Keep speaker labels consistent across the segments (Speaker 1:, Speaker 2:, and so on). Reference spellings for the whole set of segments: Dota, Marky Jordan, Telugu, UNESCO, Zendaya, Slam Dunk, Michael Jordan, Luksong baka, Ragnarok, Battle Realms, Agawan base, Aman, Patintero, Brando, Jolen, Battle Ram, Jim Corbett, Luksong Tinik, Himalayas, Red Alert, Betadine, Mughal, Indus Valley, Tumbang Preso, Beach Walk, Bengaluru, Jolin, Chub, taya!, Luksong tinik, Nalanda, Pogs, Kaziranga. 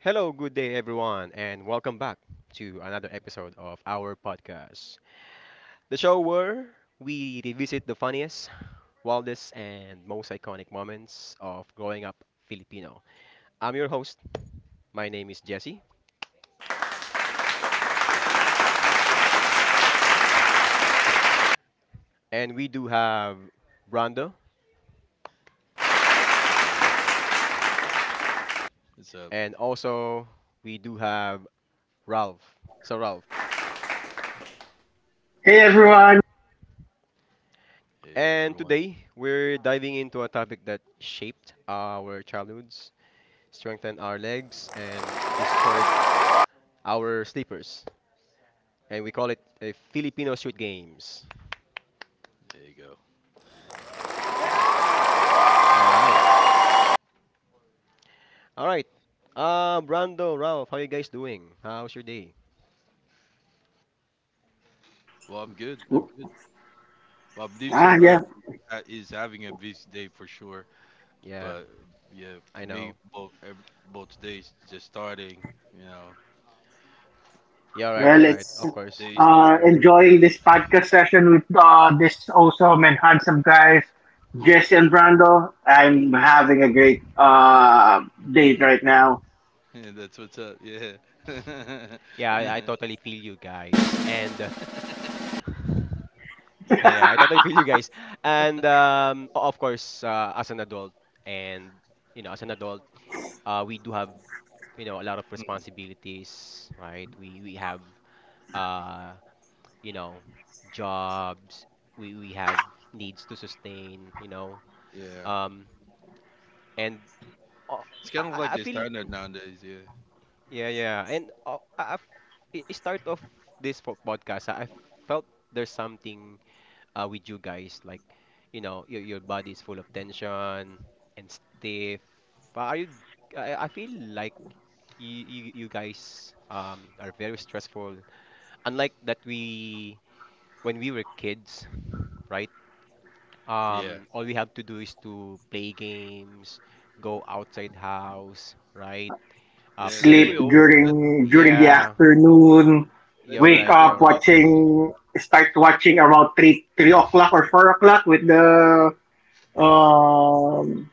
Speaker 1: Hello, good day, everyone, and welcome back to another episode of our podcast. The show where we revisit the funniest, wildest, and most iconic moments of growing up Filipino. I'm your host. My name is Jesse, and we do have Brando,
Speaker 2: Hey, what's up?
Speaker 1: and also we do have Ralph. So, Ralph.
Speaker 3: Hey everyone!
Speaker 2: Hey,
Speaker 1: And
Speaker 2: everyone.
Speaker 1: today we're diving into a topic that shaped our childhoods, strengthened our legs, and destroyed our sleepers. And we call it Filipino Street Games.
Speaker 2: There you go. Yeah.
Speaker 1: All right, all right. Brando, Ralph, how you guys doing? How's your day?
Speaker 2: Well, I'm good. Well, Deep Serve
Speaker 3: Yeah.
Speaker 2: Love is having a busy day for sure.
Speaker 1: Yeah,
Speaker 2: But yeah,
Speaker 1: I
Speaker 2: for
Speaker 1: know.
Speaker 2: me, both ev both days just starting. You know,
Speaker 1: You're right.
Speaker 3: Well,
Speaker 1: You're right.
Speaker 3: it's
Speaker 1: Of course.
Speaker 2: days still early.
Speaker 3: enjoying this podcast session with this awesome and handsome guys, Jesse and Brando. I'm having a great date right now.
Speaker 2: Yeah, that's what's up. Yeah.
Speaker 1: Yeah, I totally feel you guys. And yeah, yeah, I totally feel you guys. And of course, as an adult, and you know, as an adult, we do have, you know, a lot of
Speaker 2: Mm,
Speaker 1: responsibilities, right? We have uh you know, jobs. We have needs to sustain, you know.
Speaker 2: yeah.
Speaker 1: Um, and uh,
Speaker 2: It's
Speaker 1: I,
Speaker 2: kind
Speaker 1: I
Speaker 2: of like
Speaker 1: I
Speaker 2: the
Speaker 1: feel,
Speaker 2: standard nowadays. Yeah.
Speaker 1: yeah, yeah. And I start of this podcast, I felt there's something with you guys, like, you know, your body is full of tension and stiff. Are you? I feel like you guys are very stressful. Unlike that we, when we were kids, right?
Speaker 2: Yeah.
Speaker 1: All we have to do is to play games, go outside, house, right?
Speaker 2: Yeah. That's
Speaker 3: Sleep
Speaker 2: real.
Speaker 1: Playing,
Speaker 2: That,
Speaker 3: during the
Speaker 2: yeah. That,
Speaker 1: yeah,
Speaker 3: afternoon.
Speaker 2: that's
Speaker 1: you're
Speaker 2: the
Speaker 3: Wake
Speaker 2: only
Speaker 1: right,
Speaker 2: thing
Speaker 1: you're
Speaker 3: up
Speaker 2: that
Speaker 1: right.
Speaker 2: we can think
Speaker 3: watching. Start watching around three o'clock or 4 o'clock with the um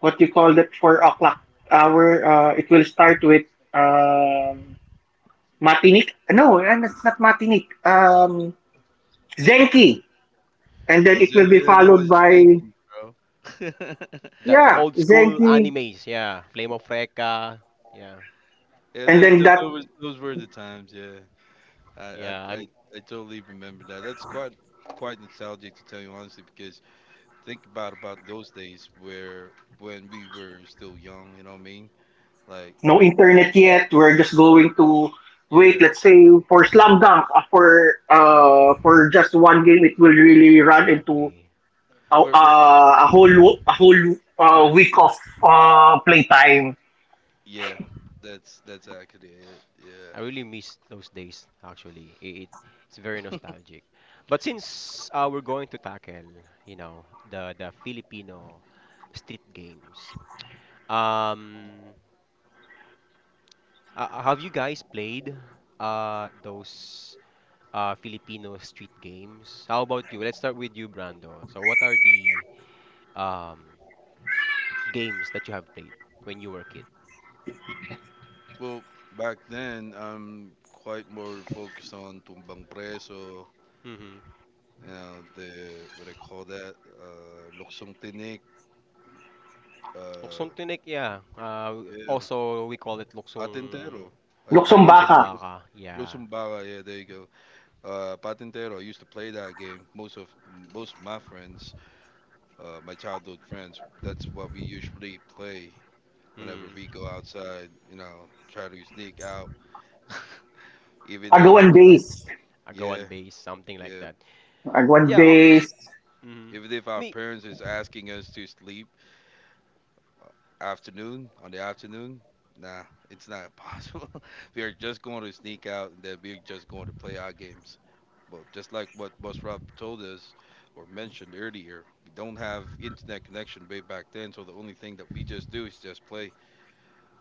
Speaker 3: what you call that 4 o'clock hour. It will start with Matinik? No, and it's not Matinik. Zenki. And then it will be
Speaker 2: Zendaya, that
Speaker 3: followed
Speaker 2: was
Speaker 3: by,
Speaker 2: 90s, bro.
Speaker 1: The
Speaker 3: yeah,
Speaker 1: old school
Speaker 3: Zenki.
Speaker 1: animes. Yeah, Flame of Recca. Yeah,
Speaker 2: Yeah,
Speaker 3: And then that,
Speaker 2: that was, those were the times, yeah. I, I,
Speaker 1: yeah, I'm
Speaker 2: I, I totally remember that. That's quite nostalgic to tell you honestly, because think about those days where when we were still young, you know what I mean? Like,
Speaker 3: no internet yet. We're just going to wait,
Speaker 2: yeah.
Speaker 3: let's say, for Slam Dunk, for just one game, it will really run into
Speaker 1: exactly.
Speaker 2: But we're
Speaker 3: a whole week of playtime.
Speaker 2: Yeah, that's actually it. Yeah.
Speaker 1: I really miss those days. Actually it's very nostalgic. But since we're going to tackle, you know, the Filipino street games, um have you guys played those Filipino street games? How about you? Let's start with you, Brando. So what are the um games that you have played when you were a kid?
Speaker 2: Well, back then I'm quite more focused on Tumbang Preso,
Speaker 1: Mm-hmm.
Speaker 2: the what do they call that Luksong Tinik.
Speaker 1: Luksong
Speaker 2: Uh,
Speaker 1: tinik, yeah.
Speaker 2: yeah,
Speaker 1: Also we call it luksong,
Speaker 2: Patintero. I
Speaker 1: yeah,
Speaker 2: used
Speaker 1: luksong
Speaker 3: Luxembaca,
Speaker 2: to
Speaker 1: baka, yeah.
Speaker 2: Luksong Baka. Yeah, there you go. Patintero. I used to play that game. Most of my friends, my childhood friends. That's what we usually play whenever
Speaker 1: Mm.
Speaker 2: we go outside. You know, try to sneak out, even
Speaker 1: Yeah,
Speaker 2: if
Speaker 1: right,
Speaker 3: Agawan
Speaker 1: you're right.
Speaker 3: Base.
Speaker 1: Agawan
Speaker 2: yeah,
Speaker 1: base, something like
Speaker 2: yeah.
Speaker 1: that.
Speaker 3: Agawan
Speaker 1: Yeah.
Speaker 3: Base.
Speaker 1: Mm.
Speaker 2: Even if our
Speaker 1: Me.
Speaker 2: parents is asking us to sleep, afternoon on the afternoon, nah, it's not possible. We are just going to sneak out, and then we're just going to play our games. But just like what Boss Rob told us or mentioned earlier, we don't have internet connection way back then, so the only thing that we just do is just play.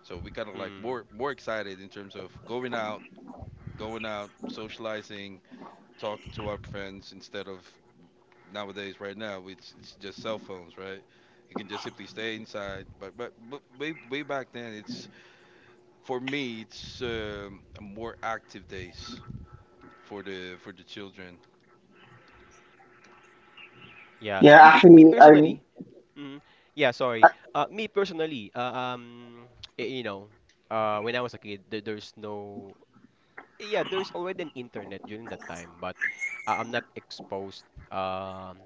Speaker 2: So we kind of like
Speaker 1: Mm.
Speaker 2: more excited in terms of going out, socializing, talking to our friends, instead of nowadays. Right now, it's just cell phones, right? You can just simply stay inside, but way, way back then, it's, for me, it's more active days for the children.
Speaker 1: Yeah.
Speaker 3: Yeah,
Speaker 1: Me
Speaker 3: actually, I
Speaker 1: personally. Mm, yeah, sorry. Me personally, you know, when I was a kid, there's no, yeah, there's already an internet during that time, but I'm not exposed um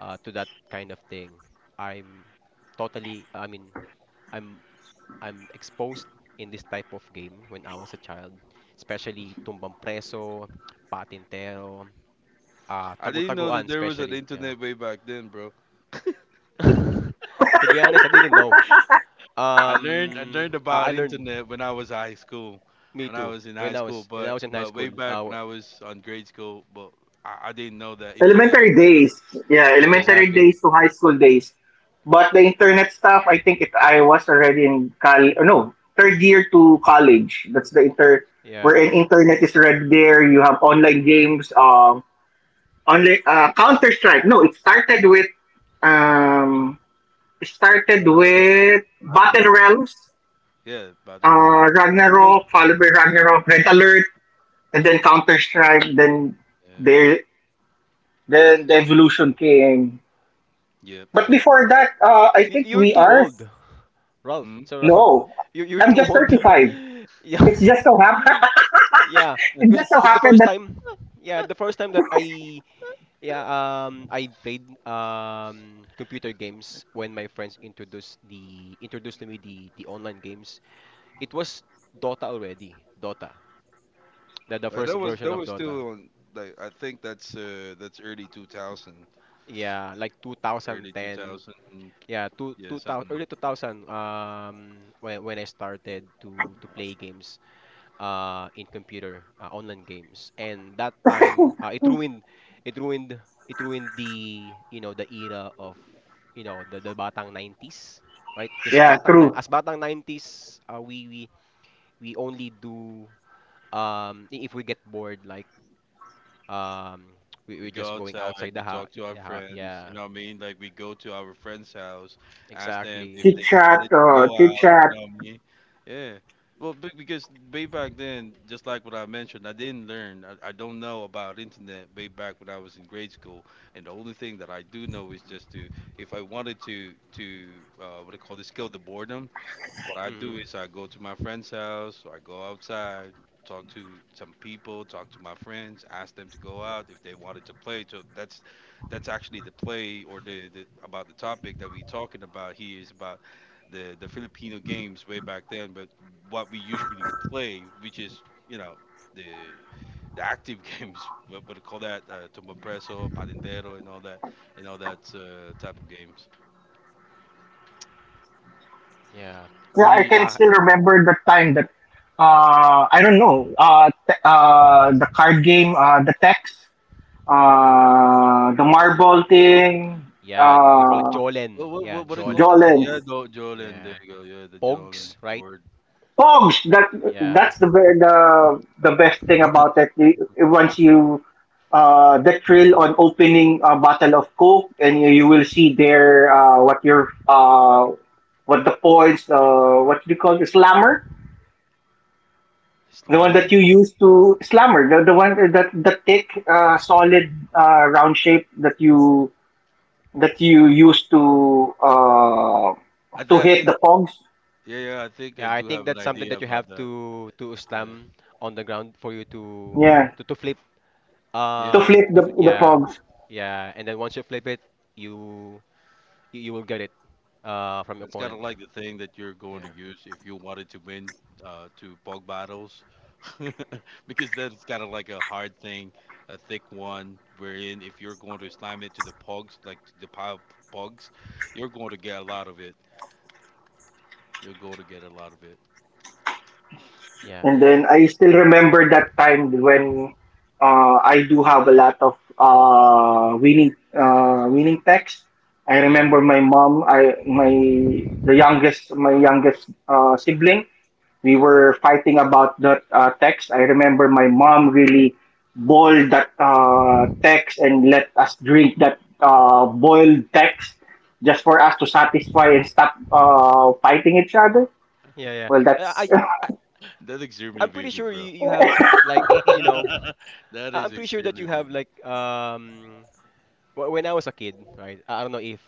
Speaker 1: to that kind of thing. I'm totally, I mean, I'm I'm exposed in this type of game when I was a child, especially Tumbang Preso, Patintero,
Speaker 2: I didn't know
Speaker 1: Tago-Taguan
Speaker 2: that there was an
Speaker 1: especially, yeah.
Speaker 2: internet way back then, bro.
Speaker 1: To be honest, I didn't know.
Speaker 2: I learned
Speaker 1: Um, I,
Speaker 2: about
Speaker 1: I learned
Speaker 2: internet when I was high school,
Speaker 1: me
Speaker 2: when I
Speaker 1: too
Speaker 2: was in high
Speaker 1: when I
Speaker 2: school.
Speaker 1: was, when I
Speaker 2: But
Speaker 1: was in high
Speaker 2: way
Speaker 1: school.
Speaker 2: back when I was on grade school, but I didn't know that internet
Speaker 3: elementary
Speaker 2: existed.
Speaker 3: days. Yeah,
Speaker 2: Yeah,
Speaker 3: elementary
Speaker 1: Exactly.
Speaker 3: days to high school days. But the internet stuff, I think I was already in college, no, third year to college. That's the inter,
Speaker 1: Yeah.
Speaker 3: wherein internet is already there. You have online games, online, Counter-Strike. No, um, it started
Speaker 2: Ragnarok,
Speaker 3: with Battle
Speaker 2: Ragnarok.
Speaker 3: Realms,
Speaker 2: Yeah, Battle Ram. But most.
Speaker 3: Ragnarok, followed by Ragnarok, Red Alert, and then Counter-Strike,
Speaker 2: Yeah.
Speaker 3: there, then the evolution came.
Speaker 2: Yep,
Speaker 3: But
Speaker 2: that's
Speaker 3: before
Speaker 2: right.
Speaker 3: that, I think
Speaker 1: You're
Speaker 3: we
Speaker 1: too
Speaker 3: are.
Speaker 1: old, Ralph.
Speaker 2: Hmm.
Speaker 1: So Ralph,
Speaker 3: No,
Speaker 1: you're
Speaker 3: I'm
Speaker 1: too
Speaker 3: just
Speaker 1: old.
Speaker 3: 35.
Speaker 1: yeah,
Speaker 3: It's just so happen.
Speaker 1: yeah.
Speaker 3: It
Speaker 1: Cause
Speaker 3: just so
Speaker 1: the
Speaker 3: happened
Speaker 1: first
Speaker 3: that.
Speaker 1: time, yeah, the first time that I, yeah, I played computer games when my friends introduced the introduced to me the online games. It was Dota already. Dota. The first version
Speaker 2: That
Speaker 1: of
Speaker 2: was
Speaker 1: Dota.
Speaker 2: still on. Like I think that's early 2000,
Speaker 1: Yeah, like
Speaker 2: early two
Speaker 1: 2010.
Speaker 2: thousand
Speaker 1: Yeah,
Speaker 2: Yeah,
Speaker 1: two thousand,
Speaker 2: something.
Speaker 1: early 2000. When I started to play games, in computer, online games, and that time,
Speaker 2: Mhm.
Speaker 1: it ruined, it ruined, it ruined, the you know, the era of, you know, the batang nineties, right? Because
Speaker 3: Yeah,
Speaker 1: batang ni-
Speaker 3: true.
Speaker 1: as batang nineties, we we only do if we get bored, like um
Speaker 2: We
Speaker 1: we're just
Speaker 2: go
Speaker 1: going
Speaker 2: outside,
Speaker 1: outside
Speaker 2: we
Speaker 1: the house.
Speaker 2: talk to our
Speaker 1: Yeah,
Speaker 2: friends, you
Speaker 1: yeah,
Speaker 2: know what I mean? Like we go to our friend's house, ask them
Speaker 1: exactly.
Speaker 2: if
Speaker 3: Chit
Speaker 2: they
Speaker 3: chat,
Speaker 2: wanted to
Speaker 3: uh,
Speaker 2: go
Speaker 3: chit
Speaker 2: out, you
Speaker 3: chat.
Speaker 2: know what I mean? Yeah. Well, because way back then, just like what I mentioned, I didn't learn. I don't know about internet way back when I was in grade school, and the only thing that I do know is just to, if I wanted to, what I call this, kill the boredom, what I do
Speaker 1: Hmm,
Speaker 2: is I go to my friend's house or I go outside, talk to some people, talk to my friends, ask them to go out if they wanted to play. So that's actually the play, or the about the topic that we talking about here is about the Filipino games way back then, but what we usually play, which is you know the active games. What do you call that? Tumba Preso, Patintero, and all that type of games.
Speaker 1: yeah,
Speaker 3: Yeah, I
Speaker 1: really.
Speaker 3: can still remember the time that. I don't know. The card game, the text, the marble thing,
Speaker 1: Yeah, we call it
Speaker 3: uh,
Speaker 1: Jolen. Yeah,
Speaker 2: What do you call
Speaker 1: Jolen.
Speaker 2: that? Yeah,
Speaker 3: Jolens.
Speaker 2: the Jolin. There
Speaker 1: Yeah.
Speaker 2: you go. Yeah, the Jolin
Speaker 1: Pogs, right?
Speaker 2: board
Speaker 3: Pogs. That
Speaker 1: Yeah.
Speaker 3: that's the be- the best thing about it. Once you the thrill on opening a bottle of Coke, and you will see there what your what the points. What do you call it? Slammer. The one
Speaker 2: slammer.
Speaker 3: that you use to slammer. The one that the thick, solid, round shape that you use to uh,
Speaker 2: I th-
Speaker 3: to
Speaker 2: I
Speaker 3: hit
Speaker 2: think,
Speaker 3: the pogs.
Speaker 2: yeah, yeah, I think I
Speaker 1: Yeah, I
Speaker 2: do
Speaker 1: think
Speaker 2: have an
Speaker 1: that's something
Speaker 2: idea
Speaker 1: that you have
Speaker 2: about that.
Speaker 1: to
Speaker 2: Yeah,
Speaker 1: slam on the ground for you to
Speaker 3: Yeah,
Speaker 1: to flip.
Speaker 3: to
Speaker 2: yeah.
Speaker 3: flip the the
Speaker 1: Yeah.
Speaker 3: pogs.
Speaker 1: Yeah, and then once you flip it, you you, you will get it from your
Speaker 2: That's kind of
Speaker 1: opponent.
Speaker 2: like the thing that you're going to
Speaker 1: Yeah.
Speaker 2: use if you wanted to win two bug battles, because that's kind of like a hard thing, a thick one. Wherein if you're going to slam it to the pogs, like to the pile of pogs, you're going to get a lot of it. You're going to get a lot of it.
Speaker 1: Yeah.
Speaker 3: And then I still remember that time when I do have a lot of winning texts. I
Speaker 1: Yeah.
Speaker 3: remember my mom, I my the youngest my youngest sibling. We
Speaker 2: Yeah,
Speaker 3: were fighting about that text. I remember my mom really boiled that text and let us drink that boiled text just for us to satisfy and stop fighting each other.
Speaker 1: Yeah, yeah.
Speaker 3: Well,
Speaker 1: Uh,
Speaker 3: that's
Speaker 1: I, I
Speaker 2: that extremely
Speaker 1: I'm pretty
Speaker 2: vivid,
Speaker 1: sure
Speaker 2: bro.
Speaker 1: you have like, you know,
Speaker 2: That
Speaker 1: I'm
Speaker 2: is
Speaker 1: pretty sure that you
Speaker 2: extremely
Speaker 1: have
Speaker 2: vivid.
Speaker 1: like Wh- when I was a kid, right? I don't know if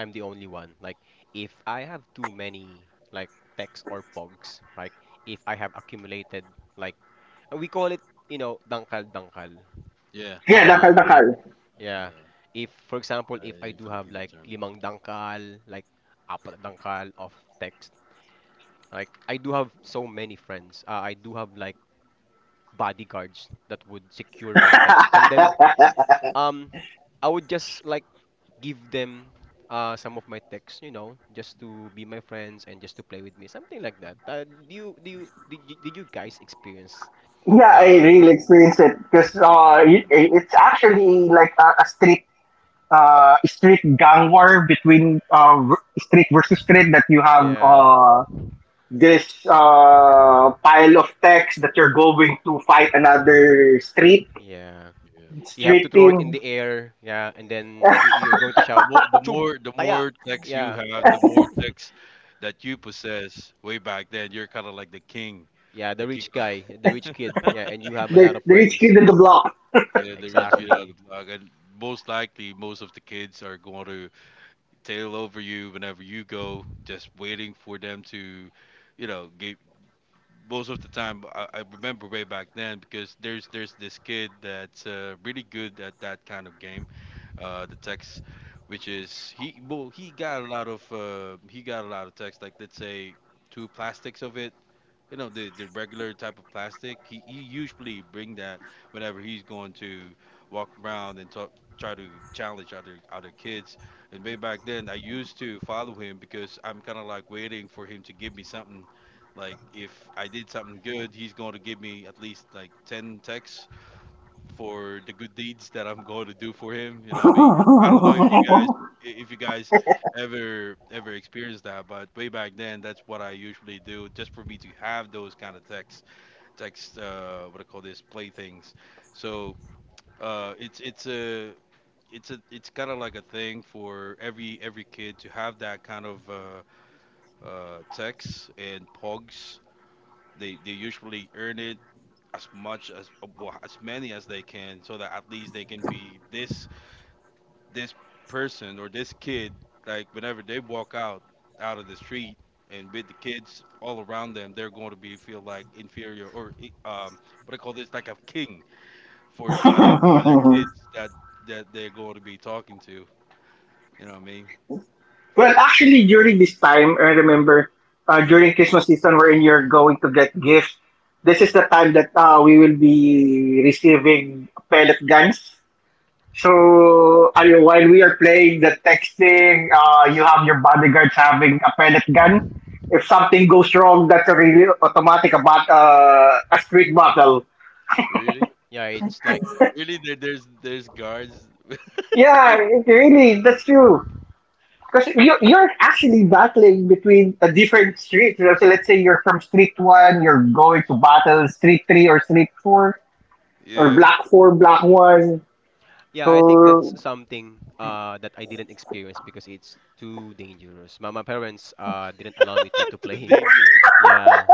Speaker 1: I'm the only one. Like, if I have too many like texts or pogs, like if I have accumulated like we call it, you know, dangkal.
Speaker 2: Yeah,
Speaker 3: yeah, nakal
Speaker 1: Like,
Speaker 3: nakal.
Speaker 1: yeah,
Speaker 2: uh,
Speaker 1: if for example,
Speaker 2: I
Speaker 1: if I
Speaker 2: in
Speaker 1: do have
Speaker 2: Filipino
Speaker 1: like
Speaker 2: terms.
Speaker 1: limang dangkal, like apat na dangkal of text, like I do have so many friends. I do have like bodyguards that would secure my text, and then um, I would just like give them some of my texts, you know, just to be my friends and just to play with me, something like that. Do you did you, did you guys experience?
Speaker 3: Yeah, I
Speaker 1: Uh,
Speaker 3: really
Speaker 1: th-
Speaker 3: experienced it because
Speaker 2: I
Speaker 3: uh, it-
Speaker 2: did.
Speaker 3: it's actually like a street gang war between street versus street that you have
Speaker 1: yeah,
Speaker 3: this pile of text that you're going to fight another street
Speaker 1: yeah.
Speaker 2: Yeah.
Speaker 1: You have to
Speaker 3: street
Speaker 1: throw
Speaker 3: team.
Speaker 1: it in the air, yeah, and then you're going to shout, "Chub,
Speaker 2: The
Speaker 1: taya!"
Speaker 2: more text you
Speaker 1: Yeah,
Speaker 2: have, the more text that you possess. Way back then, you're kind of like the king,
Speaker 1: yeah.
Speaker 2: the
Speaker 1: The
Speaker 2: king.
Speaker 1: rich guy, the rich kid, yeah, and you have a lot
Speaker 3: The,
Speaker 1: of
Speaker 3: the rich
Speaker 1: friends.
Speaker 3: kid in the block.
Speaker 2: Yeah, the rich kid on the
Speaker 1: Exactly.
Speaker 2: block, and most likely, most of the kids are going to tail over you whenever you go, just waiting for them to, you know, give. Most of the time I remember way back then, because there's this kid that's really good at that kind of game, the text, which is, he well, he got a lot of text. Like let's say two plastics of it, you know, the regular type of plastic. He usually bring that whenever he's going to walk around and talk try to challenge other kids. And way back then, I used to follow him because I'm kind of like waiting for him to give me something. Like if I did something good, he's going to give me at least like 10 texts for the good deeds that I'm going to do for him. You know what I mean? I don't know if you guys ever experienced that, but way back then, that's what I usually do, just for me to have those kind of text, what I call this, playthings. So it's a it's a it's kind of like a thing for every kid to have that kind of text and pogs. They usually earn it as much as well, as many as they can, so that at least they can be this, this person or this kid like whenever they walk out of the street, and with the kids all around them, they're going to be feel like inferior or eh, um, what I call this, like a king for other kids that they're going to be talking to, you know what I mean?
Speaker 3: Well, actually, during this time, I remember
Speaker 2: Yeah.
Speaker 3: during Christmas season, wherein you're going to get gifts. This is
Speaker 2: Hmm.
Speaker 3: the time that we will be receiving pellet guns. So I while we are playing the texting, you have your bodyguards having a pellet gun. If something goes wrong, that's a really automatic about a street battle.
Speaker 2: really
Speaker 1: Yeah, it's like,
Speaker 2: Really there's guards,
Speaker 3: Yeah, it really, that's true. Because you're,
Speaker 2: uh,
Speaker 3: you're actually battling between a different street. You know, so let's say you're from Street 1, you're going to battle Street 3 or Street 4, or
Speaker 2: yeah.
Speaker 3: Block 4, Block 1.
Speaker 1: yeah, I think that's
Speaker 3: So
Speaker 1: something that I didn't experience because it's too dangerous. My parents didn't allow me to
Speaker 2: Too
Speaker 1: play,
Speaker 2: dangerous.
Speaker 1: yeah,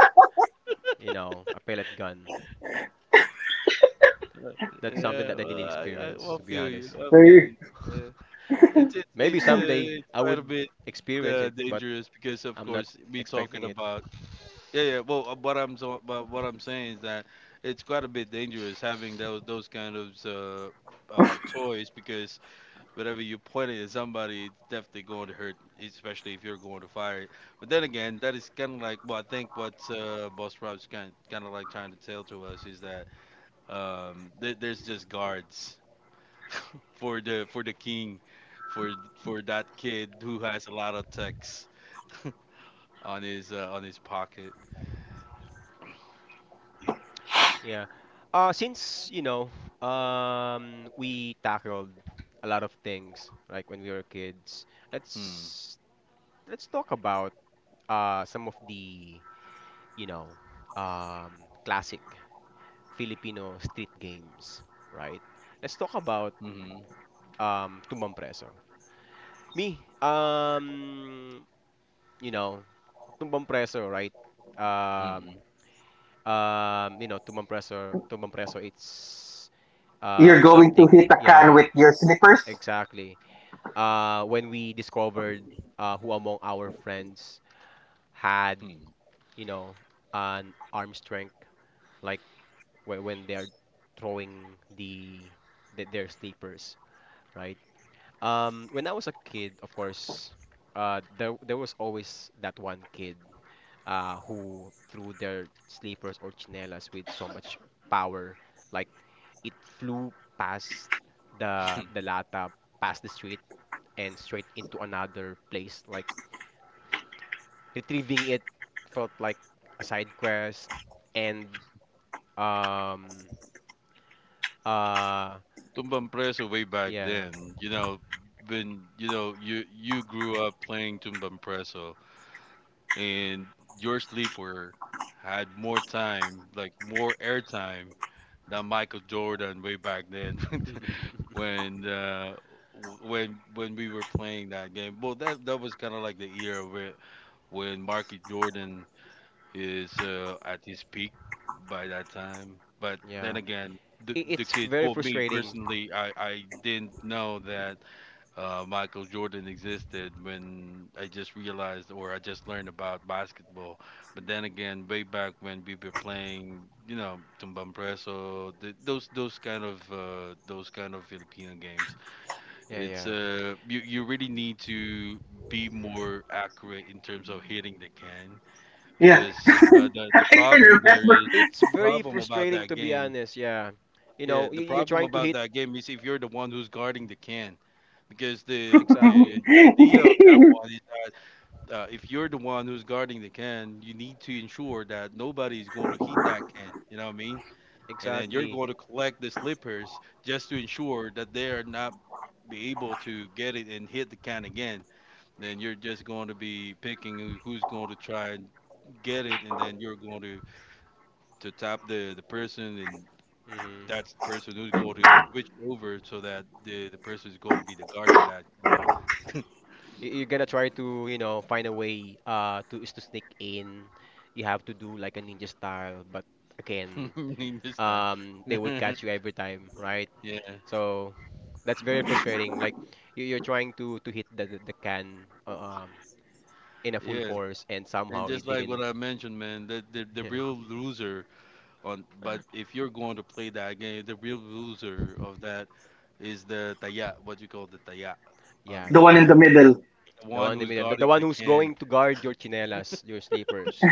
Speaker 1: you know, a pellet gun. That's something
Speaker 2: Yeah,
Speaker 1: that I didn't
Speaker 2: well, I, well,
Speaker 1: experience, to
Speaker 2: I
Speaker 1: be
Speaker 2: feel you.
Speaker 1: honest.
Speaker 3: you're
Speaker 2: Yeah.
Speaker 1: Maybe someday
Speaker 2: It's
Speaker 1: I
Speaker 2: quite a
Speaker 1: would
Speaker 2: bit
Speaker 1: experience it, but
Speaker 2: dangerous, because of
Speaker 1: I'm not
Speaker 2: course me talking
Speaker 1: expecting it.
Speaker 2: about, yeah, yeah. Well, what I'm so but what I'm saying is that it's quite a bit dangerous having those kind of toys, because whatever you point it at somebody, it's definitely going to hurt, especially if you're going to fire it. But then again, that is kind of like, well, I think what Boss Rob's kind kind of like trying to tell to us is that, there's just guards for the king, for that kid who has a lot of texts on his pocket.
Speaker 1: Yeah. Since, you know, we tackled a lot of things, like when we were kids,
Speaker 2: Hmm.
Speaker 1: let's talk about some of the, you know, classic Filipino street games, right? Let's talk about
Speaker 2: Mm-hmm.
Speaker 1: Tumbang Preso. Me, you know, Tumbang Preso, right? Um,
Speaker 2: Hmm.
Speaker 1: you know, Tumbang Preso. Tumbang Preso, it's
Speaker 3: you're going to
Speaker 1: something,
Speaker 3: hit a can
Speaker 1: yeah,
Speaker 3: with your slippers.
Speaker 1: exactly. When we discovered who among our friends had,
Speaker 2: Hmm.
Speaker 1: you know, an arm strength like, where when they are throwing the their sleepers, right? When I was a kid, of course, there there was always that one kid who threw their sleepers or chinelas with so much power, like it flew past
Speaker 2: Hmm.
Speaker 1: the lata, past the street, and straight into another place. Like retrieving it felt like a side quest, and um uh
Speaker 2: Tumbang Preso way back
Speaker 1: yeah,
Speaker 2: then. You know, when you know you you grew up playing Tumbang Preso, and your sleeper had more time, like more airtime that Michael Jordan way back then, when when we were playing that game. Well, that that was kind of like the era where when Marky Jordan is at his peak by that time. But then
Speaker 1: yeah.
Speaker 2: again,
Speaker 1: It's very
Speaker 2: me
Speaker 1: frustrating.
Speaker 2: personally, I didn't know that Michael Jordan existed, when I just realized or I just learned about basketball. But then again, way back when we were playing, you know, Tumbang Preso, those kind of Filipino games,
Speaker 1: Yeah, yeah.
Speaker 2: it's you you really need to be more accurate in terms of hitting the can,
Speaker 3: Yeah,
Speaker 2: because
Speaker 3: I
Speaker 2: the
Speaker 3: can
Speaker 2: problem there
Speaker 3: remember.
Speaker 2: is
Speaker 1: It's
Speaker 2: the
Speaker 1: very
Speaker 2: problem about
Speaker 1: frustrating,
Speaker 2: that
Speaker 1: to be
Speaker 2: game.
Speaker 1: honest. Yeah, you
Speaker 2: Yeah,
Speaker 1: know,
Speaker 2: the
Speaker 1: you're
Speaker 2: problem
Speaker 1: trying to
Speaker 2: about
Speaker 1: hit,
Speaker 2: that game is if you're the one who's guarding the can, because
Speaker 1: exactly,
Speaker 2: the idea of that one is that if you're the one who's guarding the can, you need to ensure that nobody's going to hit that can. You know what I mean? And then you're
Speaker 1: exactly.
Speaker 2: going to collect the slippers just to ensure that they are not be able to get it and hit the can again. Then you're just going to be picking who's going to try and get it, and then you're going to tap the person, and
Speaker 1: Hmm.
Speaker 2: that's the person who's going to switch over, so that the person is going to be the guard for that
Speaker 1: You're gonna try to, you know, find a way to sneak in. You have to do like a ninja style, but again,
Speaker 2: this time.
Speaker 1: they would catch you every time, right?
Speaker 2: Yeah,
Speaker 1: So that's very frustrating. Like you're trying to hit the the can um in a full
Speaker 2: yeah.
Speaker 1: force, and
Speaker 2: And
Speaker 1: somehow it
Speaker 2: just like what
Speaker 1: didn't.
Speaker 2: I mentioned, man, the real loser on, but if you're going to play that game, the real loser of that is the taya, what you call the taya on
Speaker 1: Yeah,
Speaker 3: The
Speaker 1: the
Speaker 3: one in the
Speaker 2: that,
Speaker 1: taya.
Speaker 3: middle.
Speaker 2: the
Speaker 1: The
Speaker 2: one
Speaker 1: one in the
Speaker 2: who's
Speaker 1: middle. The
Speaker 2: guarding
Speaker 1: one
Speaker 2: the
Speaker 1: who's
Speaker 2: can.
Speaker 1: going to guard your chinelas, your sleepers.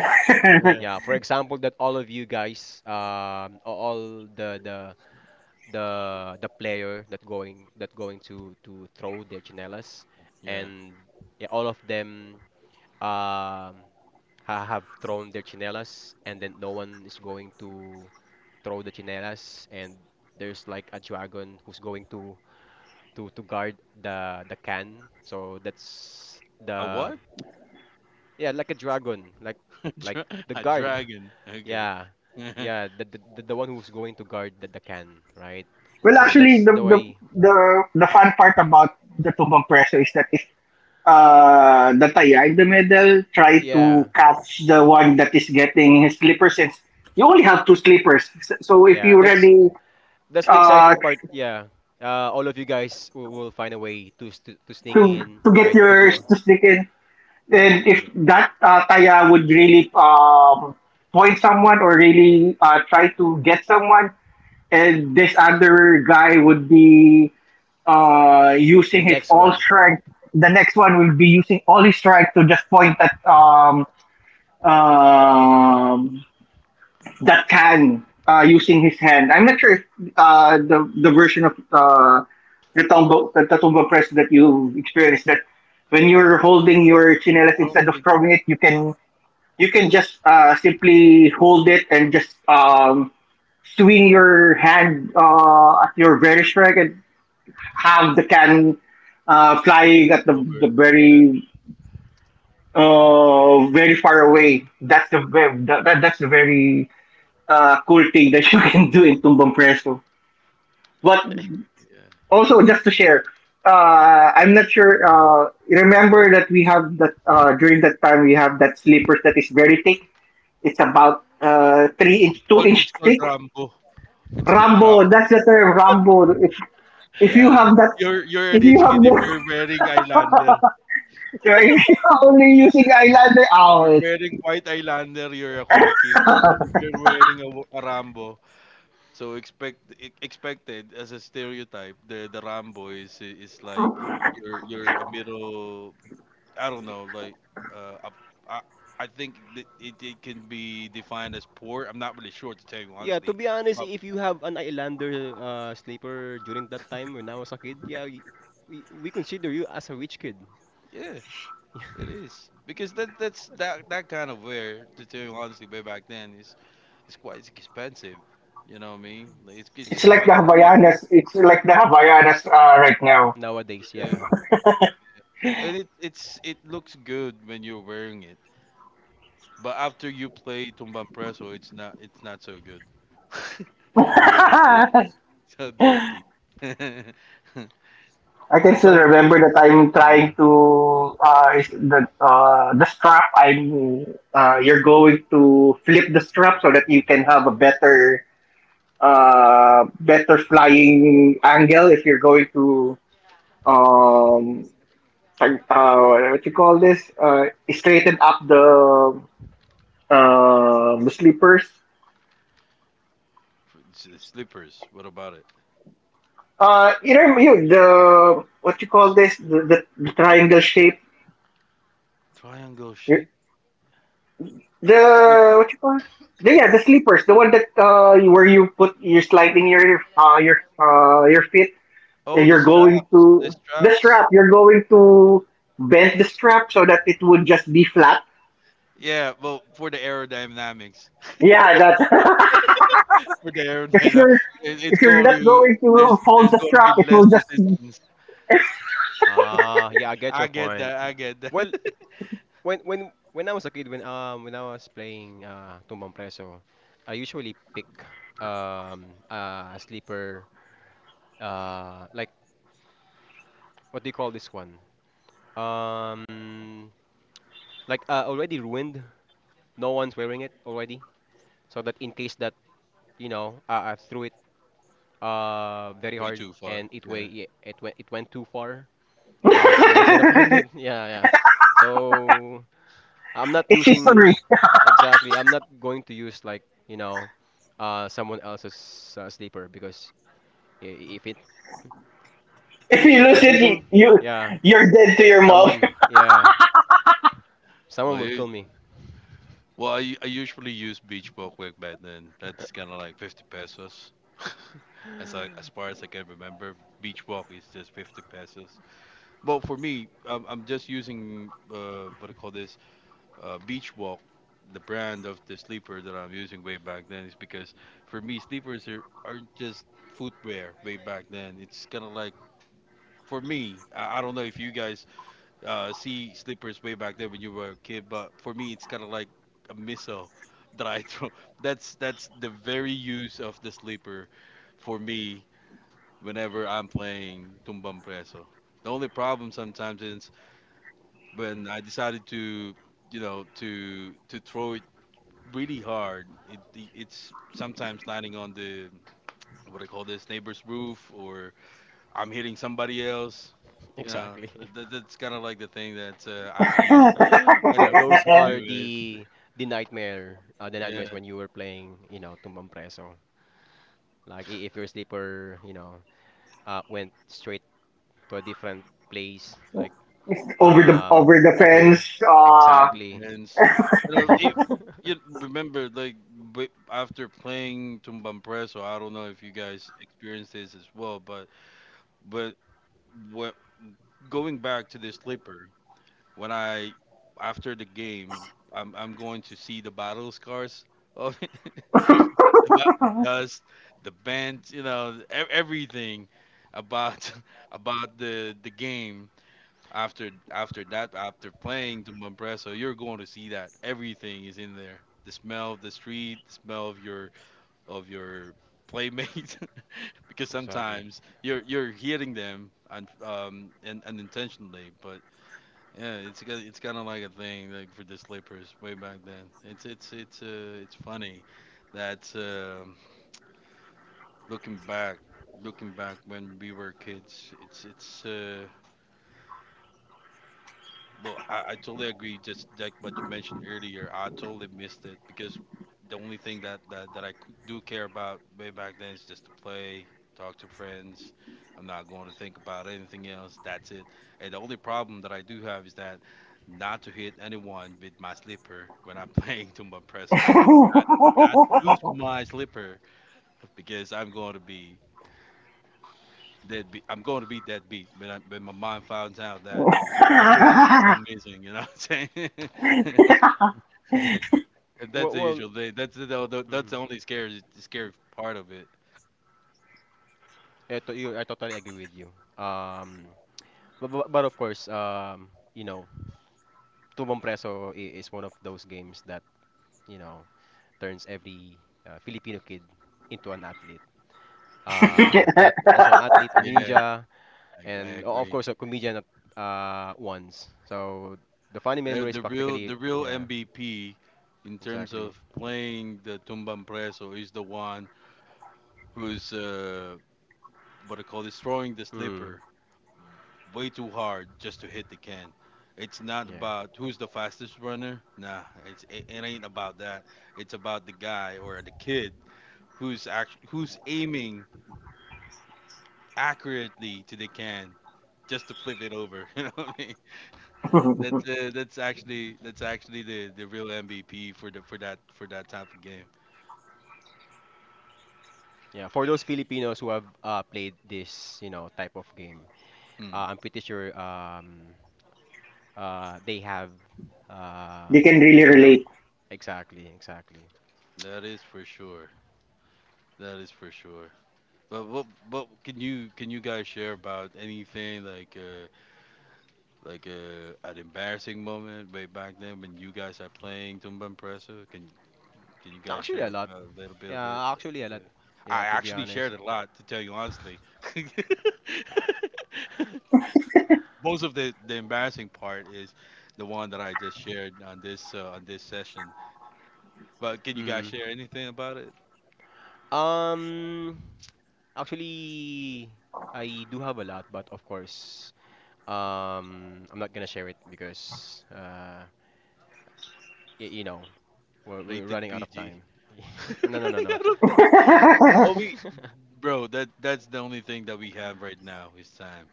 Speaker 2: Yeah.
Speaker 1: Yeah, for example, that all of you guys, all the the the player that going, to throw their chinelas,
Speaker 2: Yeah.
Speaker 1: and yeah, all of them um ha have thrown their chinelas, and then no one is going to throw the chinelas, and there's like a dragon who's going to to guard the can. So that's
Speaker 2: A
Speaker 1: the,
Speaker 2: what?
Speaker 1: yeah, like a dragon, like
Speaker 2: A
Speaker 1: like
Speaker 2: dra-
Speaker 1: the
Speaker 2: a
Speaker 1: guard.
Speaker 2: dragon. Okay.
Speaker 1: Yeah,
Speaker 2: Yeah.
Speaker 1: yeah, the the one who's going to guard the can, right?
Speaker 3: Well,
Speaker 1: So
Speaker 2: Yeah.
Speaker 3: actually,
Speaker 1: that's
Speaker 3: the,
Speaker 1: the
Speaker 3: the,
Speaker 1: way.
Speaker 3: the, the fun part about the Tumbang Preso is that Dataya in the middle, try
Speaker 1: Yeah,
Speaker 3: to catch the one that is getting his slippers since you only have two slippers. So if
Speaker 1: yeah,
Speaker 3: you
Speaker 1: that's
Speaker 3: really
Speaker 1: the exciting
Speaker 3: uh,
Speaker 1: part. Yeah, all of you guys will find a way to to sneak
Speaker 3: to
Speaker 1: in,
Speaker 3: to get
Speaker 1: right? To
Speaker 3: yours
Speaker 1: do
Speaker 3: to stick in, then if
Speaker 2: I
Speaker 3: that Taya would really point someone or really try to get someone, and this other guy would be
Speaker 1: the
Speaker 3: using his
Speaker 1: next
Speaker 3: all
Speaker 1: one.
Speaker 3: strength. The next one
Speaker 1: Yeah,
Speaker 3: will be using all his strength to just point at um that can using his hand. I'm not sure if the version of the tombo press that you experienced that when you're holding your chinelas
Speaker 2: don't
Speaker 3: instead of
Speaker 2: think
Speaker 3: throwing it, you can just simply hold it and just swing your hand at your very strike and have the can flying at
Speaker 2: it's
Speaker 3: the,
Speaker 2: over.
Speaker 3: the
Speaker 2: Yeah.
Speaker 3: very uh, very far away. That's the, ve- that, that that's the very cool thing that you can do in Tumbang Preso. But
Speaker 2: Yeah.
Speaker 3: also, just to share, I'm not sure. Remember that we have that during that time we have that slippers that is very thick. It's about 3 inch,
Speaker 2: It's
Speaker 3: two
Speaker 2: called
Speaker 3: inch thick.
Speaker 2: Rambo. It's called
Speaker 3: Rambo, that's the term Rambo. If you
Speaker 1: yeah.
Speaker 3: have that,
Speaker 2: you're a
Speaker 3: if you
Speaker 2: rich
Speaker 3: have
Speaker 2: kid if
Speaker 3: the,
Speaker 2: you're wearing eyelander.
Speaker 3: if you're only using eyeliner,
Speaker 2: If
Speaker 3: oh,
Speaker 2: you're
Speaker 3: it's,
Speaker 2: wearing white eyelander, you're a cool kid. But if you're wearing a Rambo, so expected as a stereotype, the Rambo is like you're a middle. I don't know, like uh, a, I I think that it can be defined as poor. I'm not really sure to tell you
Speaker 1: Yeah, to
Speaker 2: honestly,
Speaker 1: be honest,
Speaker 2: but
Speaker 1: if you have an Islander sleeper during that time when I was a kid, yeah, we, we consider you as a rich kid.
Speaker 2: yeah, it is because that that's that that kind of wear, to tell you honestly, way back then, is it's quite expensive. You know what I mean? Like, It's it's
Speaker 3: it's like the
Speaker 2: quite
Speaker 1: Exactly.
Speaker 2: pricey.
Speaker 3: Havaianas. It's like the Havaianas right now.
Speaker 1: Nowadays,
Speaker 2: Yeah.
Speaker 1: yeah.
Speaker 2: And it looks good when you're wearing it, but after you play Tumbang Preso, it's not so good. It's so
Speaker 1: Yeah.
Speaker 2: dirty. It's so dirty.
Speaker 3: I can still
Speaker 1: So
Speaker 3: remember that I'm
Speaker 1: yeah.
Speaker 3: trying to is the strap I'm you're going to flip the strap so that you can have a better flying angle if you're going to um like, what you call this straighten up the sleepers
Speaker 2: Slippers. What about it?
Speaker 3: you know you the what you call this the triangle shape.
Speaker 2: Triangle shape
Speaker 3: The
Speaker 2: slippers.
Speaker 3: what you call? The, yeah, the sleepers, the one that where you put you're sliding your feet
Speaker 2: Oh,
Speaker 3: and
Speaker 2: the
Speaker 3: you're going
Speaker 2: straps. The
Speaker 3: to the
Speaker 2: straps.
Speaker 3: strap. You're going to bend the strap so that it would just be flat.
Speaker 2: Yeah. Well, for the aerodynamics.
Speaker 3: Yeah, that's because
Speaker 2: For the
Speaker 3: if
Speaker 2: aerodynamics,
Speaker 3: you're
Speaker 2: it's
Speaker 3: if you're
Speaker 2: going
Speaker 3: not
Speaker 2: to
Speaker 3: going to
Speaker 2: there's
Speaker 3: fold
Speaker 2: there's
Speaker 3: the
Speaker 2: going to
Speaker 3: strap,
Speaker 2: be
Speaker 3: it
Speaker 2: less
Speaker 3: will just
Speaker 2: resistance.
Speaker 1: Ah, yeah, I get
Speaker 2: I
Speaker 1: your
Speaker 2: get that.
Speaker 1: point.
Speaker 2: I get
Speaker 1: Well,
Speaker 2: that.
Speaker 1: when when I was a kid, when I was playing Tumbang Preso, I usually pick a sleeper, like, what do you call this one? Um already ruined. No one's wearing it already. So that in case that, you know, I threw it very
Speaker 2: Way
Speaker 1: hard
Speaker 2: too far.
Speaker 1: and
Speaker 2: Yeah.
Speaker 1: it went, it went too far,
Speaker 2: Hmm.
Speaker 1: no one's gonna find it. Yeah, yeah. So I'm not
Speaker 3: it's
Speaker 1: using,
Speaker 3: history.
Speaker 1: exactly. I'm not going to use, like, you know, someone else's sleeper because if it
Speaker 3: If you lose
Speaker 1: went
Speaker 3: it,
Speaker 1: missing, yeah,
Speaker 3: you're dead to your mom.
Speaker 1: someone, yeah, someone
Speaker 2: Well,
Speaker 1: will
Speaker 2: you,
Speaker 1: kill me.
Speaker 2: well, I usually use Beach Ball Quick back then. That's kind of like 50 pesos. As far as I can remember, Beach Walk is just 50 pesos. Well, for me, I'm just using what I call this Beach Walk, the brand of the sleeper that I'm using way back then, is because for me, sleepers are, aren't just footwear way back then. It's kind of like for me, I don't know if you guys see sleepers way back then when you were a kid. But for me, it's kind of like a missile that I throw. That's the very use of the sleeper for me whenever I'm playing Tumbang Preso. The only problem sometimes is when I decided to, you know, to throw it really hard. It's sometimes landing on the, what do I call this, neighbor's roof, or I'm hitting somebody else. You know,
Speaker 1: Exactly.
Speaker 2: that's kind of like the thing that I usually end
Speaker 1: Th
Speaker 2: up
Speaker 1: those
Speaker 2: doing
Speaker 1: are
Speaker 2: with,
Speaker 1: the nightmare, the
Speaker 2: yeah,
Speaker 1: nightmares when you were playing, you know, Tumbang Preso. Like if your sleeper, you know, went straight to a different place, like
Speaker 3: over the over the
Speaker 1: over,
Speaker 3: fence.
Speaker 2: with the
Speaker 1: exactly.
Speaker 2: fans. You know, it, you remember like after playing Tumbampreso, I don't know if you guys experienced this as well, but what going back to the slipper when I after the game, I'm going to see the battle scars of it. The dust, the bench, you know, everything about about the game after after that, after playing the Mompreso, you're going to see that everything is in there. The smell of the street, the smell of your playmates, because
Speaker 1: Exactly.
Speaker 2: sometimes you're hitting them and unintentionally, but yeah, it's kind of like a thing, like, for the slippers way back then. It's funny that. Looking back, looking back when we were kids, it's well, I totally agree. Just like what you mentioned earlier, I totally missed it because the only thing that that that I do care about way back then is just to play, talk to friends. I'm not going to think about anything else. That's it. And the only problem that I do have is that not to hit anyone with my slipper when I'm playing Tumba Preso. Not not to lose my slipper because I'm going to be deadbeat. I'm going to be deadbeat, but my mom finds out that my sister is amazing. You know what I'm saying? And that's
Speaker 1: Well,
Speaker 2: the
Speaker 1: well,
Speaker 2: usual thing. That's that's the
Speaker 1: mm-hmm.
Speaker 2: only scary part of it.
Speaker 1: Ito, you, I totally agree with you. Um, but but of course, you know, Tumbang Preso is one of those games that, you know, turns every Filipino kid into an athlete. Not also an athlete, a
Speaker 2: Yeah,
Speaker 1: ninja,
Speaker 2: I
Speaker 1: and o- of
Speaker 2: agree.
Speaker 1: course a comedian at once. So the funny memories
Speaker 2: The
Speaker 1: practically,
Speaker 2: real
Speaker 1: yeah,
Speaker 2: MVP in terms
Speaker 1: exactly.
Speaker 2: of playing the Tumban Preso is the one who's what I call destroying the
Speaker 1: Mm,
Speaker 2: slipper way too hard just to hit the can. It's not
Speaker 1: yeah.
Speaker 2: about who's the fastest runner. Nah, it's it ain't about that. It's about the guy or the kid who's who's aiming accurately to the can just to flip it over. You know what I mean? That's actually the real MVP for the for that type of game.
Speaker 1: Yeah, for those Filipinos who have played this, you know, type of game,
Speaker 2: Hmm.
Speaker 1: I'm pretty sure they have, uh,
Speaker 3: They can really
Speaker 1: you know,
Speaker 3: relate.
Speaker 1: exactly, exactly.
Speaker 2: That is for sure. That is for sure. But what but can you guys share about anything like an embarrassing moment way back then when you guys are playing Tumba Impresa? Can you guys
Speaker 1: Actually, a
Speaker 2: share
Speaker 1: lot.
Speaker 2: about a little bit of it?
Speaker 1: Yeah, actually, a
Speaker 2: Yeah,
Speaker 1: lot. Yeah,
Speaker 2: I
Speaker 1: to be
Speaker 2: actually shared
Speaker 1: honest.
Speaker 2: a lot to tell you honestly. Most of the embarrassing part is the one that I just shared on this session. But can you guys
Speaker 1: Hmm.
Speaker 2: share anything about it?
Speaker 1: Um, actually, I do have a lot, but of course, I'm not gonna share it because, y you know, we're
Speaker 2: Rated
Speaker 1: running out of
Speaker 2: PG.
Speaker 1: time. No, no, no,
Speaker 2: Running
Speaker 1: no.
Speaker 2: out of time. Well, we, bro, that's the only thing that we have right now is time.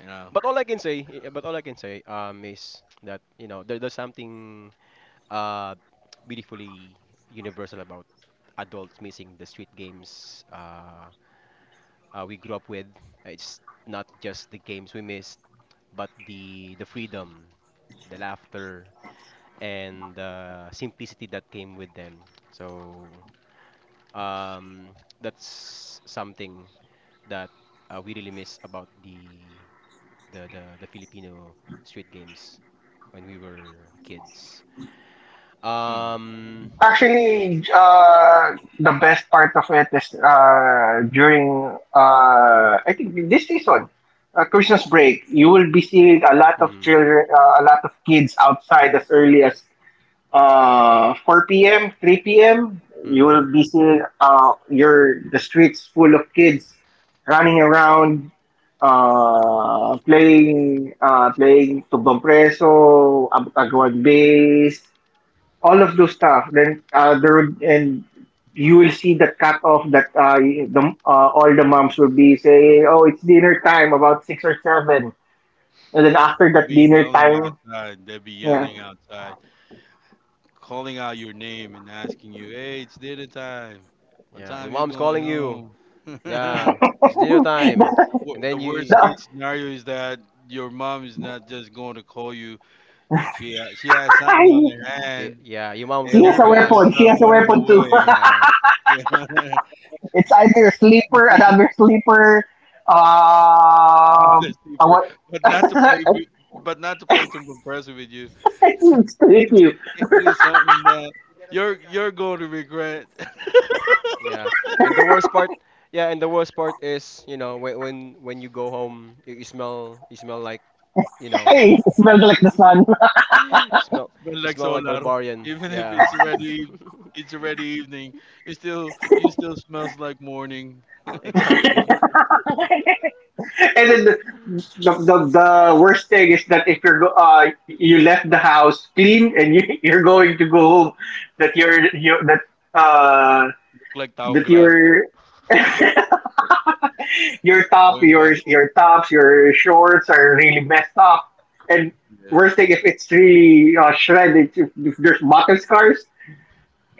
Speaker 2: You know.
Speaker 1: But all I can say, but all I can say, is that, you know, there's something uh, beautifully universal about adults missing the street games we grew up with. It's not just the games we missed, but the freedom, the laughter, and the simplicity that came with them. So that's something that we really miss about the the, the Filipino street games when we were kids.
Speaker 2: Hmm.
Speaker 1: Um,
Speaker 3: Actually, the best part of it is during, I think this season, Christmas break, you will be seeing a lot of
Speaker 1: mm,
Speaker 3: children, uh, a lot of kids outside as early as 4 p.m., 3 p.m., you
Speaker 1: mm.
Speaker 3: will be seeing your the streets full of kids running around playing tubang preso, agwag base, all of those stuff. Then and you will see the cut off that the all the moms will be saying, "Oh, it's dinner time about 6 or 7." And then after
Speaker 2: They'd
Speaker 3: that
Speaker 2: be
Speaker 3: dinner
Speaker 2: yelling
Speaker 3: time,
Speaker 2: outside. They'd be
Speaker 3: yeah.
Speaker 2: yelling outside, calling out your name and asking you, "Hey, it's dinner time. What
Speaker 1: Yeah,
Speaker 2: time
Speaker 1: your
Speaker 2: you
Speaker 1: mom's
Speaker 2: going
Speaker 1: calling you.
Speaker 2: home?"
Speaker 1: Yeah, it's dinner time. And
Speaker 2: The
Speaker 1: then you,
Speaker 2: worst case scenario is that your mom is not just going to call you. She has something on
Speaker 3: the.
Speaker 2: her
Speaker 1: the,
Speaker 2: hand,
Speaker 1: yeah, your mom
Speaker 2: and
Speaker 3: She
Speaker 1: gonna
Speaker 3: has
Speaker 2: you're
Speaker 1: whoop
Speaker 3: a
Speaker 1: your
Speaker 2: going to
Speaker 1: ass.
Speaker 3: weapon. She
Speaker 2: start
Speaker 3: has a
Speaker 2: running
Speaker 3: weapon too.
Speaker 2: away.
Speaker 1: Yeah,
Speaker 3: It's either sleeper, another sleeper.
Speaker 2: Another
Speaker 3: Um,
Speaker 2: sleeper,
Speaker 3: what?
Speaker 2: but not to play, but not to play too impressive with you.
Speaker 3: It's to hit
Speaker 2: It's,
Speaker 3: you.
Speaker 2: it is something that you're going to regret.
Speaker 1: yeah. And the worst part, yeah, and the worst part is, you know, when when you go home, you smell, like, you know,
Speaker 3: Hey, it smells like the
Speaker 1: you
Speaker 3: sun.
Speaker 1: smell
Speaker 2: But
Speaker 1: you
Speaker 2: like
Speaker 1: smell like
Speaker 2: solar,
Speaker 1: barbarian.
Speaker 2: even if
Speaker 1: Yeah,
Speaker 2: it's already evening, it still you still smells like morning. Look
Speaker 1: exactly.
Speaker 3: And then the worst thing is that if you left the house clean and you, you're going to go home, that you're, you that uh
Speaker 2: like taong
Speaker 3: that
Speaker 2: grasa.
Speaker 3: you're your top,
Speaker 2: Going
Speaker 3: your
Speaker 2: back
Speaker 3: your
Speaker 2: home.
Speaker 3: tops, your shorts are really messed up. And
Speaker 2: Yeah.
Speaker 3: worst thing, if it's really shredded, if there's bottle scars,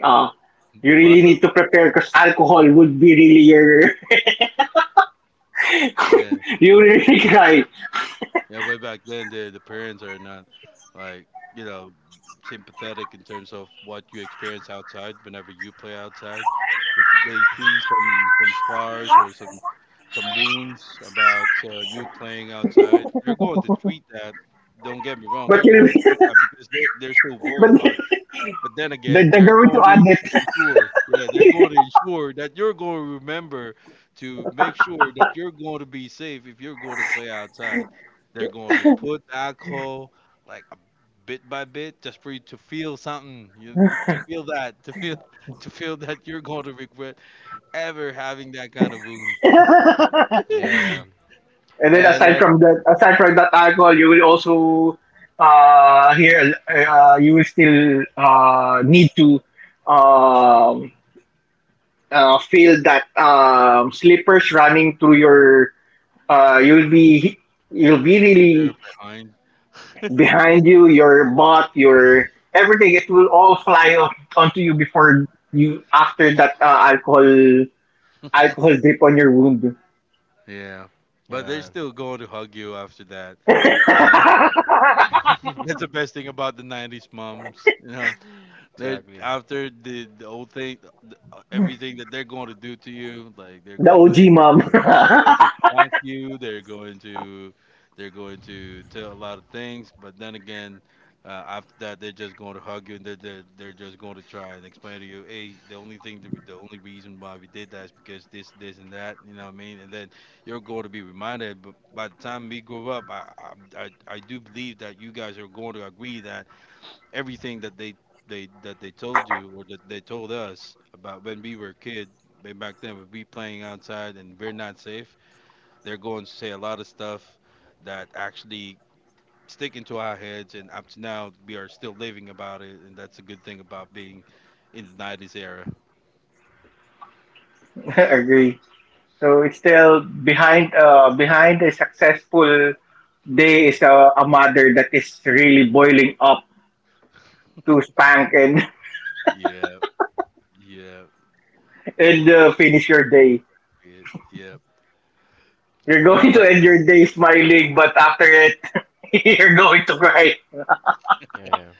Speaker 3: uh, you
Speaker 2: But
Speaker 3: really need to prepare because alcohol would be really your
Speaker 2: yeah.
Speaker 3: you will really cry.
Speaker 2: Yeah, way back then, the parents are not like, you know, sympathetic in terms of what you experience outside whenever you play outside. If they see some scars or some wounds about you playing outside, they're going to treat that. Don't get me wrong,
Speaker 3: But
Speaker 2: they're
Speaker 3: you
Speaker 2: going to treat that because they're still worried
Speaker 3: but
Speaker 2: about you. But then
Speaker 3: the,
Speaker 2: again,
Speaker 3: the
Speaker 2: they're
Speaker 3: going
Speaker 2: going
Speaker 3: to add
Speaker 2: to
Speaker 3: it.
Speaker 2: ensure, yeah, they're going to ensure that you're going to remember to make sure that you're going to be safe if you're going to play outside. They're going to put alcohol like a bit by bit just for you to feel something, to feel that, to feel to feel that you're going to regret ever having that kind of wound
Speaker 1: Yeah, yeah.
Speaker 3: And then
Speaker 1: And
Speaker 3: aside from that, alcohol, you will also here you will still need to um feel that slippers running through your uh, you'll be you'll be
Speaker 2: that you're
Speaker 3: really
Speaker 2: behind.
Speaker 3: behind you your butt your everything it will all fly off onto you before you after that uh, alcohol alcohol drip on your wound.
Speaker 2: Yeah, but they're
Speaker 1: yeah,
Speaker 2: still going to hug you after that, right? That's the best thing about the '90s moms. You know, they're
Speaker 1: exactly.
Speaker 2: after the old thing, the, everything that they're going to do to you, like they're
Speaker 3: The
Speaker 2: going
Speaker 3: og
Speaker 2: to—
Speaker 3: mom
Speaker 2: they're going to punk you. They're going to tell a lot of things. But then again, after that, they're just going to hug you and they're just going to try and explain to you, hey, the only thing that the only reason why we did that is because this and that. You know what I mean? And then you're going to be reminded. But by the time we grow up, I do believe that you guys are going to agree that everything that they told you or that they told us about when we were a kid way back then would be playing outside and we're not safe, they're going to say a lot of stuff that actually stick into our heads, and up to now, we are still living about it, and that's a good thing about being in the '90s era.
Speaker 3: agree so it's still behind a successful day is a mother that is really boiling up to spank and
Speaker 2: Yeah, yeah, that's
Speaker 3: finish your day.
Speaker 2: it. Yep,
Speaker 3: You're
Speaker 1: Yeah,
Speaker 3: going to
Speaker 1: but
Speaker 3: end your
Speaker 1: mm,
Speaker 3: day smiling, but after it, you're going to cry.
Speaker 1: yeah, yeah.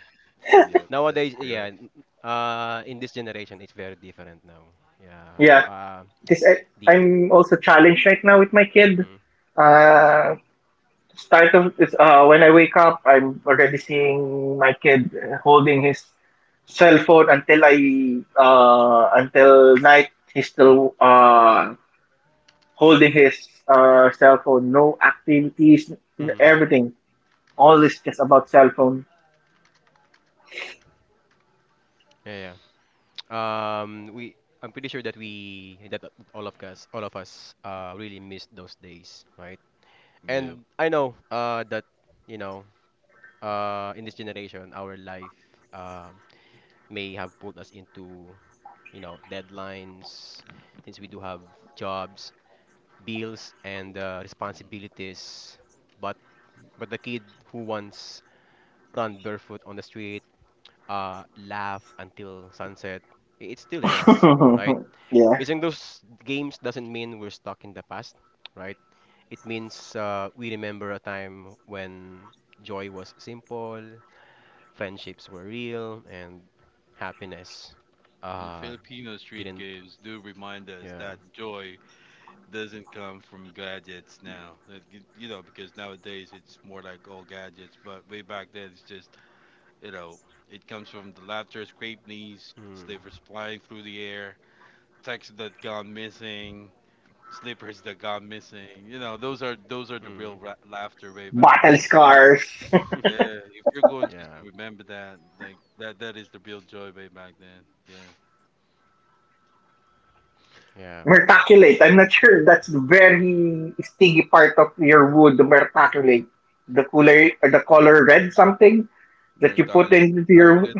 Speaker 2: yep, that's
Speaker 1: Nowadays,
Speaker 2: correct.
Speaker 1: yeah, in this generation, it's very different now. Yeah,
Speaker 3: Yeah, because I,
Speaker 1: the
Speaker 3: I'm also challenged right now with my kid.
Speaker 1: mm,
Speaker 3: Uh, Start of it's when I wake up, I'm already seeing my kid holding his cell phone until I until night. He's still holding his cell phone. No activities,
Speaker 1: mm,
Speaker 3: everything. All is just about cell phone.
Speaker 1: yeah, yeah. I'm pretty sure that all of us, really missed those days, right?
Speaker 2: Yep.
Speaker 1: And I know, that, you know, in this generation, our life, um, may have pulled us into, you know, deadlines, since we do have jobs, bills, and
Speaker 2: Mm.
Speaker 1: responsibilities. But the kid who once ran barefoot on the street, laugh until sunset, it's still in us, right?
Speaker 3: Yeah.
Speaker 1: Missing those games doesn't mean we're stuck in the past, right? It means we remember a time when joy was simple, friendships were real, and happiness
Speaker 2: And
Speaker 1: uh,
Speaker 2: Filipino street
Speaker 1: didn't.
Speaker 2: games do remind us
Speaker 1: Yeah.
Speaker 2: that joy doesn't come from gadgets now. That, you know, because nowadays it's more like old gadgets, but way back then it's just, you know, it comes from the laughter, scraped knees,
Speaker 1: Mm,
Speaker 2: slippers flying through the air, texts that gone missing, slippers that gone missing. You know, those are the real
Speaker 1: mm.
Speaker 2: laughter way back
Speaker 3: Battle
Speaker 2: then. If you're,
Speaker 3: scars,
Speaker 2: yeah, if you're going just to
Speaker 1: yeah.
Speaker 2: remember that, like that, that is the real joy way back then. Yeah,
Speaker 1: Yeah.
Speaker 3: mertaculate. I'm not sure that's the very stingy part of your wood, the mertaculate. The color red something that you put
Speaker 2: Mertile,
Speaker 3: into your
Speaker 2: Mertilet,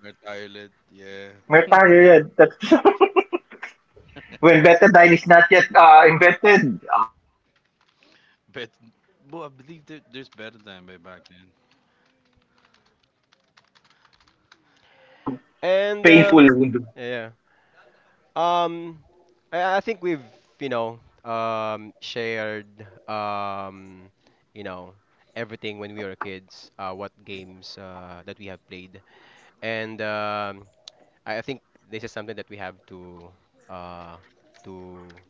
Speaker 2: Mertilet. Yeah,
Speaker 3: mertaculate. That's when betadine is not yet invented. Oh my god,
Speaker 2: but
Speaker 3: that's
Speaker 2: well, I
Speaker 3: the
Speaker 2: believe there, there's
Speaker 3: that's a
Speaker 2: better than
Speaker 3: very
Speaker 2: way back then.
Speaker 3: painful way of healing your
Speaker 1: And
Speaker 3: wound.
Speaker 1: yeah. Yeah. Um, I think we've, you know, shared, um, you know, everything when we were kids, what games that we have played. And I think this is something that we have uh, to,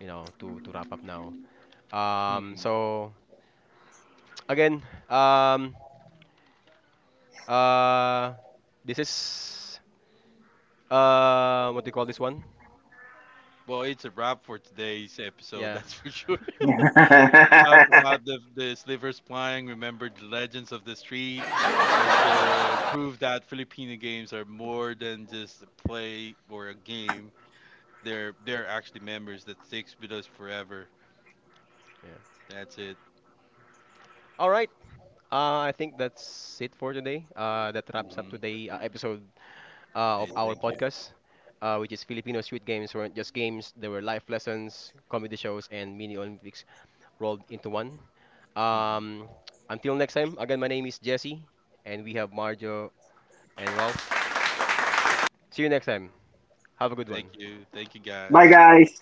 Speaker 1: you know, to wrap up now.
Speaker 2: Hmm.
Speaker 1: So again, um, uh, this is, what do you call this one?
Speaker 2: Well, it's a wrap for today's episode.
Speaker 1: Yeah.
Speaker 2: That's for sure. Out about the slivers flying, remembered the legends of the street, and proved that Filipino games are more than just a play or a game. They're actually memories that sticks with us forever.
Speaker 1: Yeah.
Speaker 2: That's it.
Speaker 1: All right. I think that's it for today. That wraps up
Speaker 2: Hmm.
Speaker 1: today episode of
Speaker 2: Hey,
Speaker 1: our
Speaker 2: thank you.
Speaker 1: podcast, which is Filipino Street Games weren't just games; they were life lessons, comedy shows, and mini Olympics rolled into one.
Speaker 2: Hmm.
Speaker 1: Um, until next time, again, my name is Jesse, and we have Marjo and Ralph. See you next time. Have a good
Speaker 2: Thank
Speaker 1: one.
Speaker 2: you. Thank you,
Speaker 3: Bye
Speaker 2: guys.
Speaker 3: guys.